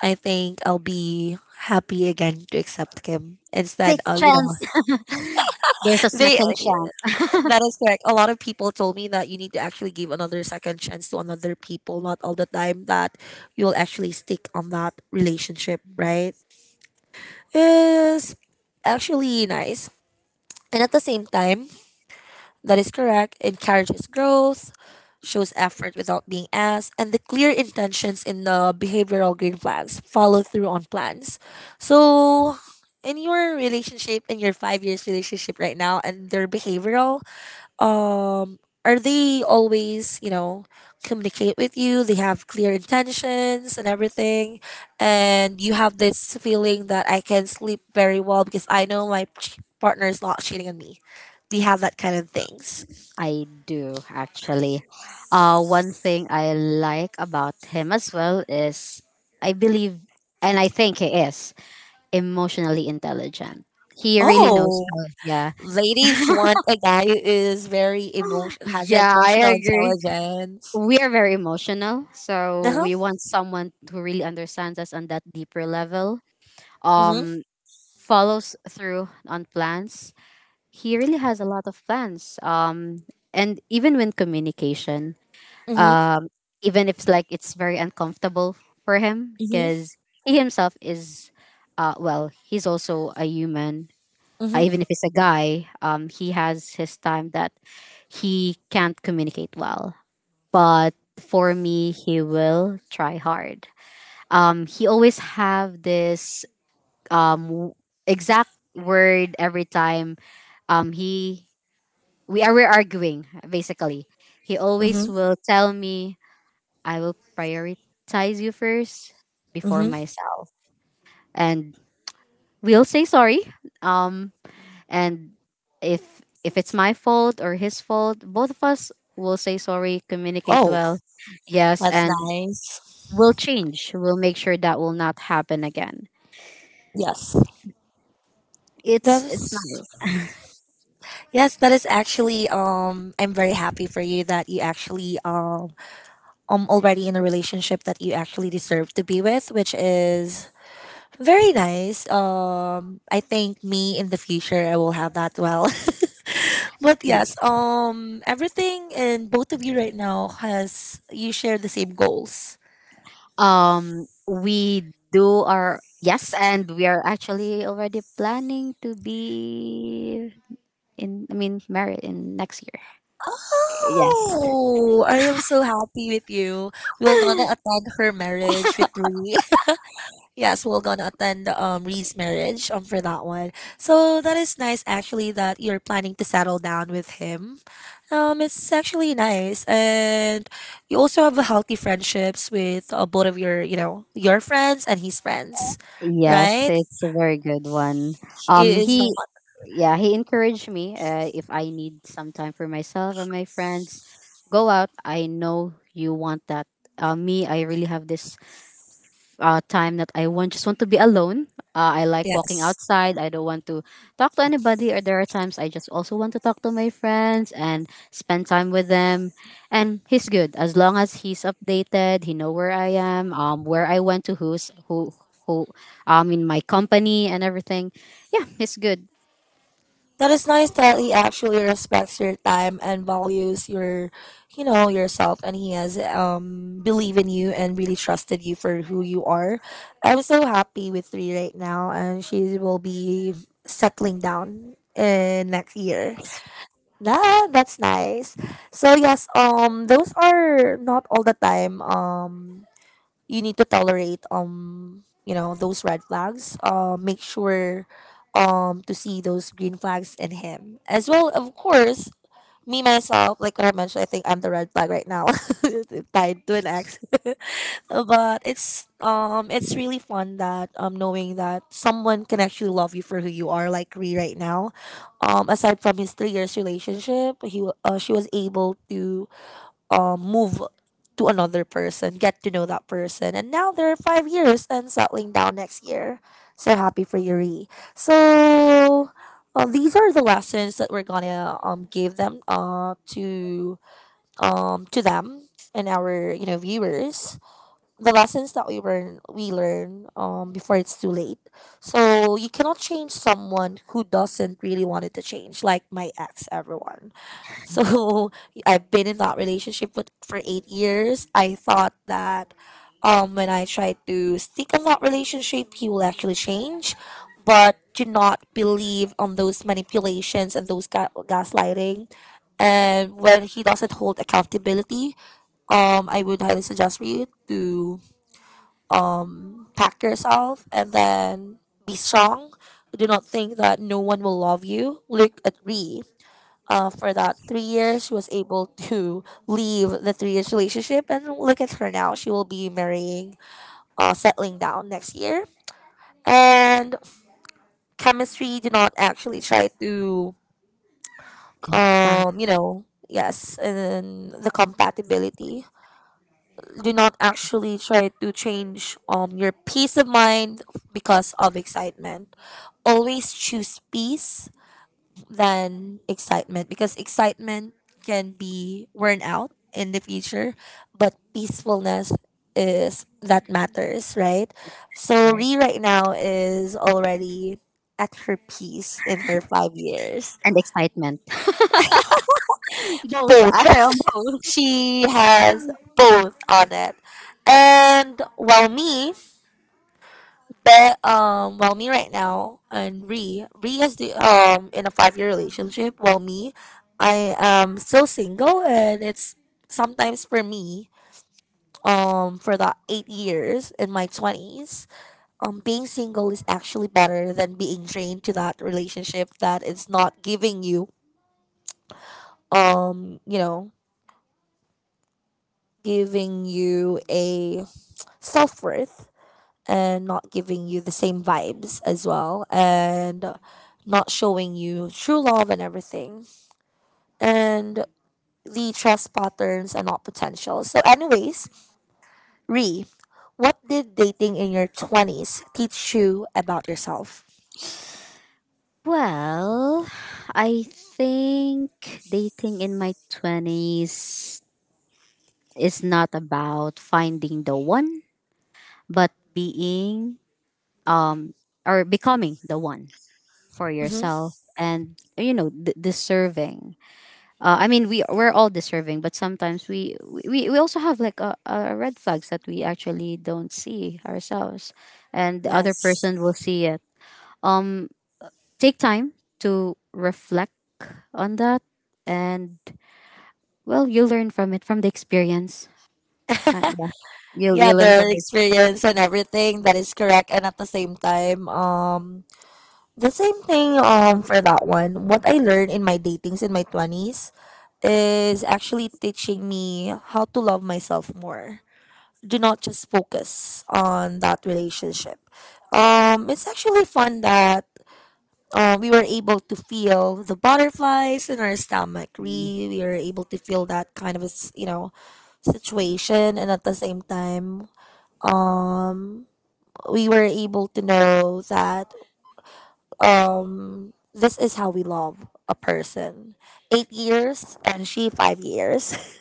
I think I'll be happy again to accept him instead Take of, you know, chance. *laughs* There's a they second chance. that is correct. A lot of people told me that you need to actually give another second chance to another people, not all the time that you'll actually stick on that relationship, right? Is actually nice. And at the same time, that is correct, encourages growth, shows effort without being asked, and the clear intentions in the behavioral green flags follow through on plans. So in your relationship, in your 5 years relationship right now, and their behavioral, um are they always, you know, communicate with you? They have clear intentions and everything, and you have this feeling that I can sleep very well because I know my partner is not cheating on me. They have that kind of things. *laughs* I do actually. One thing I like about him as well is I believe and I think he is emotionally intelligent. He really knows Oh, how. Yeah, ladies want a guy who is very emotion, has yeah, I emotional agree. intelligence. We are very emotional, so we Uh-huh. want someone who really understands us on that deeper level. Mm-hmm. Um, Follows through on plans. He really has a lot of plans. And even when communication, Mm-hmm. um, even if it's like it's very uncomfortable for him, Mm-hmm. because he himself is, well, he's also a human. Even if Mm-hmm. it's a guy, he has his time that he can't communicate well. But for me, he will try hard. He always have this um w- exact word every time he we're arguing basically. He always Mm-hmm. will tell me I will prioritize you first before Mm-hmm. myself, and we'll say sorry. Um, and if it's my fault or his fault, both of us will say sorry, communicate Oh, well, yes, that's and nice. we'll change. We'll make sure that will not happen again. Yes, It's that it's is. nice. Yes, that is actually, I'm very happy for you that you actually already in a relationship that you actually deserve to be with, which is very nice. I think me in the future I will have that well. *laughs* But yes, everything in both of you right now has, you share the same goals. We do our yes, and we are actually already planning to be in I mean, married in next year. Yes. Oh, I am so happy with you. We're gonna attend her marriage with Ree. Yes, we're gonna attend Ree's marriage for that one. So that is nice actually that you're planning to settle down with him. It's actually nice, and you also have a healthy friendships with both of your, you know, your friends and his friends, Yes, right? it's a very good one. It is not He, yeah, he encouraged me. If I need some time for myself or my friends, go out. I know you want that. Me, I really have this time that I want just want to be alone. I like walking yes. outside. I don't want to talk to anybody. Or there are times I just also want to talk to my friends and spend time with them. And he's good as long as he's updated. He know where I am, where I went to, who's who, who, in my company and everything. Yeah, he's good. That is nice that he actually respects your time and values your, you know, yourself, and he has believe in you and really trusted you for who you are. I'm so happy with three right now, and she will be settling down in next year. Nah, that's nice. So yes, those are not all the time. You need to tolerate, you know, those red flags, make sure to see those green flags in him as well, of course. Me myself, like what I mentioned, I think I'm the red flag right now. *laughs* Tied to an ex. *laughs* But it's really fun that knowing that someone can actually love you for who you are, like Ree right now. Aside from his 3 years relationship, he she was able to move to another person, get to know that person. And now they're 5 years and settling down next year. So happy for Yuri. So these are the lessons that we're gonna give them to them and our, you know, viewers. The lessons that we learn, before it's too late. So you cannot change someone who doesn't really want it to change, like my ex, everyone. So *laughs* I've been in that relationship with, for 8 years. I thought that when I tried to stick on that relationship, he will actually change. But do not believe on those manipulations and those gaslighting. And when he doesn't hold accountability, I would highly suggest for you to pack yourself and then be strong. Do not think that no one will love you. Look at Ree, for that 3 years. She was able to leave the 3 years relationship, and look at her now. She will be marrying, settling down next year. And chemistry did not actually try to, Compadre. You know, yes, and then the compatibility. Do not actually try to change your peace of mind because of excitement. Always choose peace than excitement because excitement can be worn out in the future, but peacefulness is that matters, right? So Ree right now is already at her peace in her 5 years. And excitement. *laughs* Both. Both. I am *laughs* both. She has both on it. And while me, but while me right now and Ree, Ree is the in a 5 year relationship. While me, I am still single, and it's sometimes for me for the 8 years in my twenties. Being single is actually better than being drained to that relationship that is not giving you you know, giving you a self worth and not giving you the same vibes as well, and not showing you true love and everything, and the trust patterns are not potential. So anyways, re what did dating in your 20s teach you about yourself? Well, I think dating in my 20s is not about finding the one, but being um or becoming the one for Mm-hmm. yourself, and you know, deserving. I mean, we're all deserving, but sometimes we also have like a red flags that we actually don't see ourselves, and the other Yes. person will see it. Um, Take time to reflect on that, and well, you learn from it from the experience. Yeah, you Yeah, you learn their from experience and everything, that is correct. And at the same time, the same thing for that one, what I learned in my datings in my 20s is actually teaching me how to love myself more. Do not just focus on that relationship. It's actually fun that we were able to feel the butterflies in our stomach. this. We were able to feel that kind of a you know, situation. And at the same time, um, we were able to know that this is how we love a person. 8 years and she 5 years.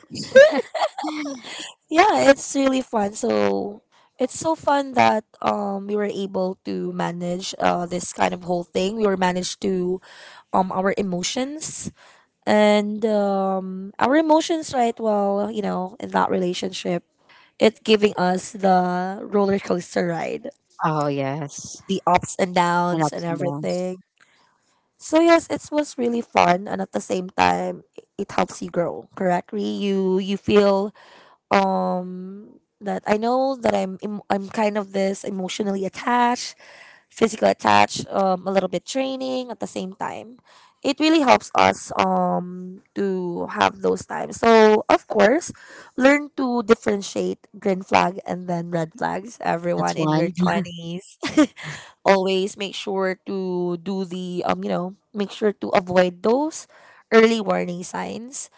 Yeah, it's really fun. So it's so fun that we were able to manage this kind of whole thing. We were managed to our emotions and our emotions right? Well, in that relationship, it giving us the roller coaster ride, Oh yes, the ups and and downs and ups and downs. everything. So yes, it was really fun, and at the same time it helps you grow, correct, Ree? You feel um that I know that I'm kind of this emotionally attached, physical attached, a little bit training at the same time. It really helps us to have those times. So of course, learn to differentiate green flag and then red flags. Everyone That's in your one. *laughs* twenties, *laughs* always make sure to do the make sure to avoid those early warning signs,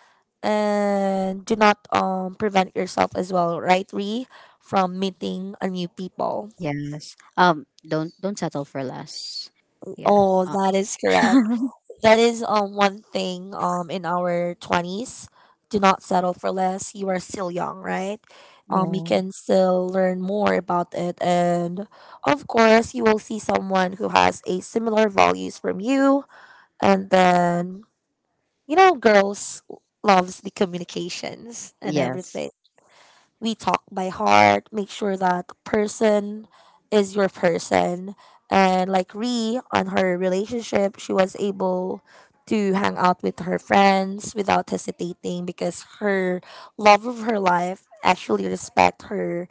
and do not prevent yourself as well, right, Ree, from meeting a new people. Yes. Don't settle for less. Yeah. Oh, that is correct. *laughs* That is one thing in our twenties. Do not settle for less. You are still young, right? You yeah. can still learn more about it, and of course, you will see someone who has a similar values from you, and then girls loves the communications and Yes. everything. We talk by heart, make sure that person is your person. And like Ree on her relationship, she was able to hang out with her friends without hesitating because her love of her life actually respect her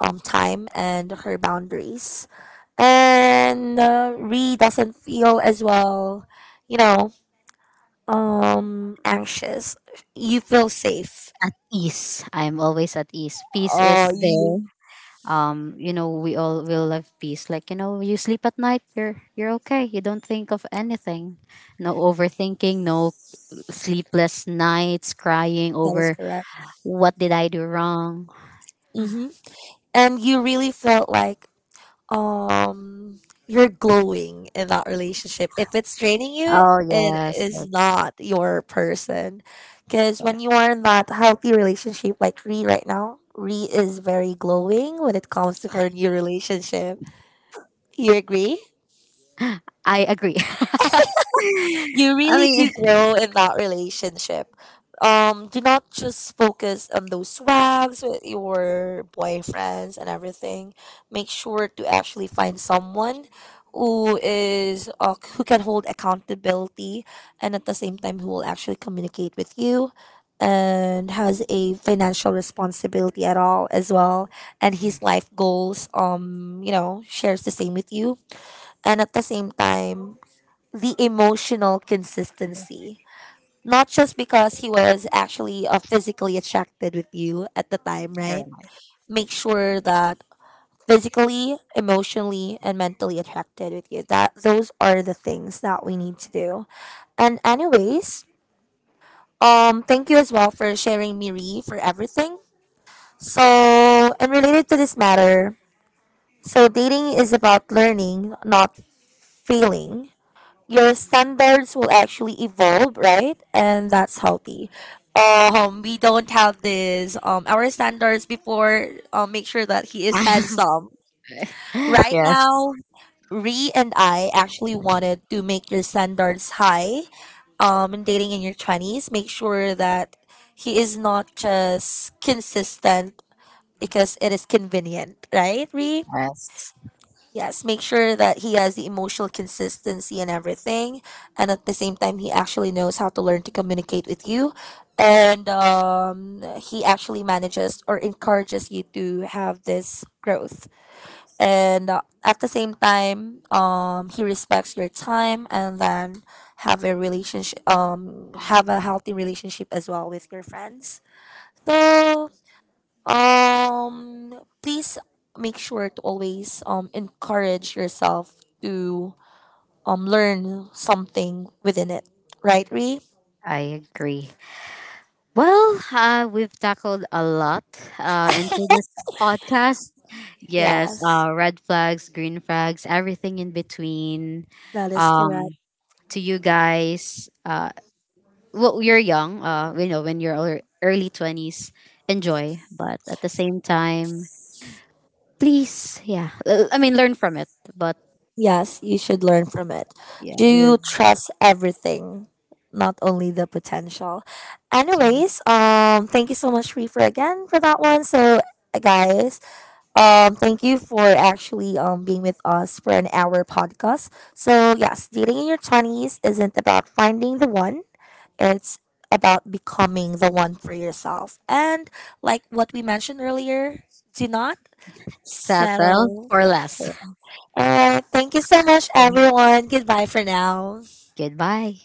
time and her boundaries. And Ree doesn't feel as well, you know, anxious. You feel safe. At ease. I'm always at ease. Peace Oh, is there. you You know, we all will love peace. Like, you know, you sleep at night. You're okay. You don't think of anything. No overthinking. No sleepless nights. Crying that is over correct. what did I do wrong. Mhm. And you really felt like um you're glowing in that relationship. If it's draining you, Oh it yes. Yes. is not your person, because when you are in that healthy relationship like Ree, right now Ree is very glowing when it comes to her new relationship, you agree. I agree. You *laughs* I really mean, do grow in that relationship. Do not just focus on those swags with your boyfriends and everything. Make sure to actually find someone who is who can hold accountability, and at the same time who will actually communicate with you, and has a financial responsibility at all as well, and his life goals shares the same with you, and at the same time the emotional consistency. Not just because he was actually physically attracted with you at the time, right? Erica. Make sure that physically, emotionally, and mentally attracted with you. That those are the things that we need to do. And anyways, thank you as well for sharing, Miri, for everything. So, and related to this matter, so dating is about learning, not failing. Your standards will actually evolve, right? And that's healthy. We don't have this. Our standards before, make sure that he is handsome. *laughs* Right Yes, now, Ree and I actually wanted to make your standards high. In dating in your twenties, make sure that he is not just consistent because it is convenient, right, Ree? yes, Yes, make sure that he has the emotional consistency and everything. And at the same time, he actually knows how to learn to communicate with you. And he actually manages or encourages you to have this growth. And at the same time, he respects your time, and then have a relationship, have a healthy relationship as well with your friends. So um please make sure to always encourage yourself to learn something within it, right, Ree? I agree. Well, we've tackled a lot into this podcast. Yes, Yes, red flags, green flags, everything in between. that is correct. Um, to you guys, well, you're young. You know, when you're early 20s, enjoy. But at the same time, please, yeah, I mean, learn from it. But Yes, you should learn from it. yeah, Do you you trust everything, not only the potential? just Anyways, thank you so much, Ree, for again for that one. So guys, thank you for actually being with us for an hour podcast. So yes, dating in your twenties isn't about finding the one; it's about becoming the one for yourself. And like what we mentioned earlier, do not settle settle. for less. All right, thank you so much, *laughs* everyone. Goodbye for now. Goodbye.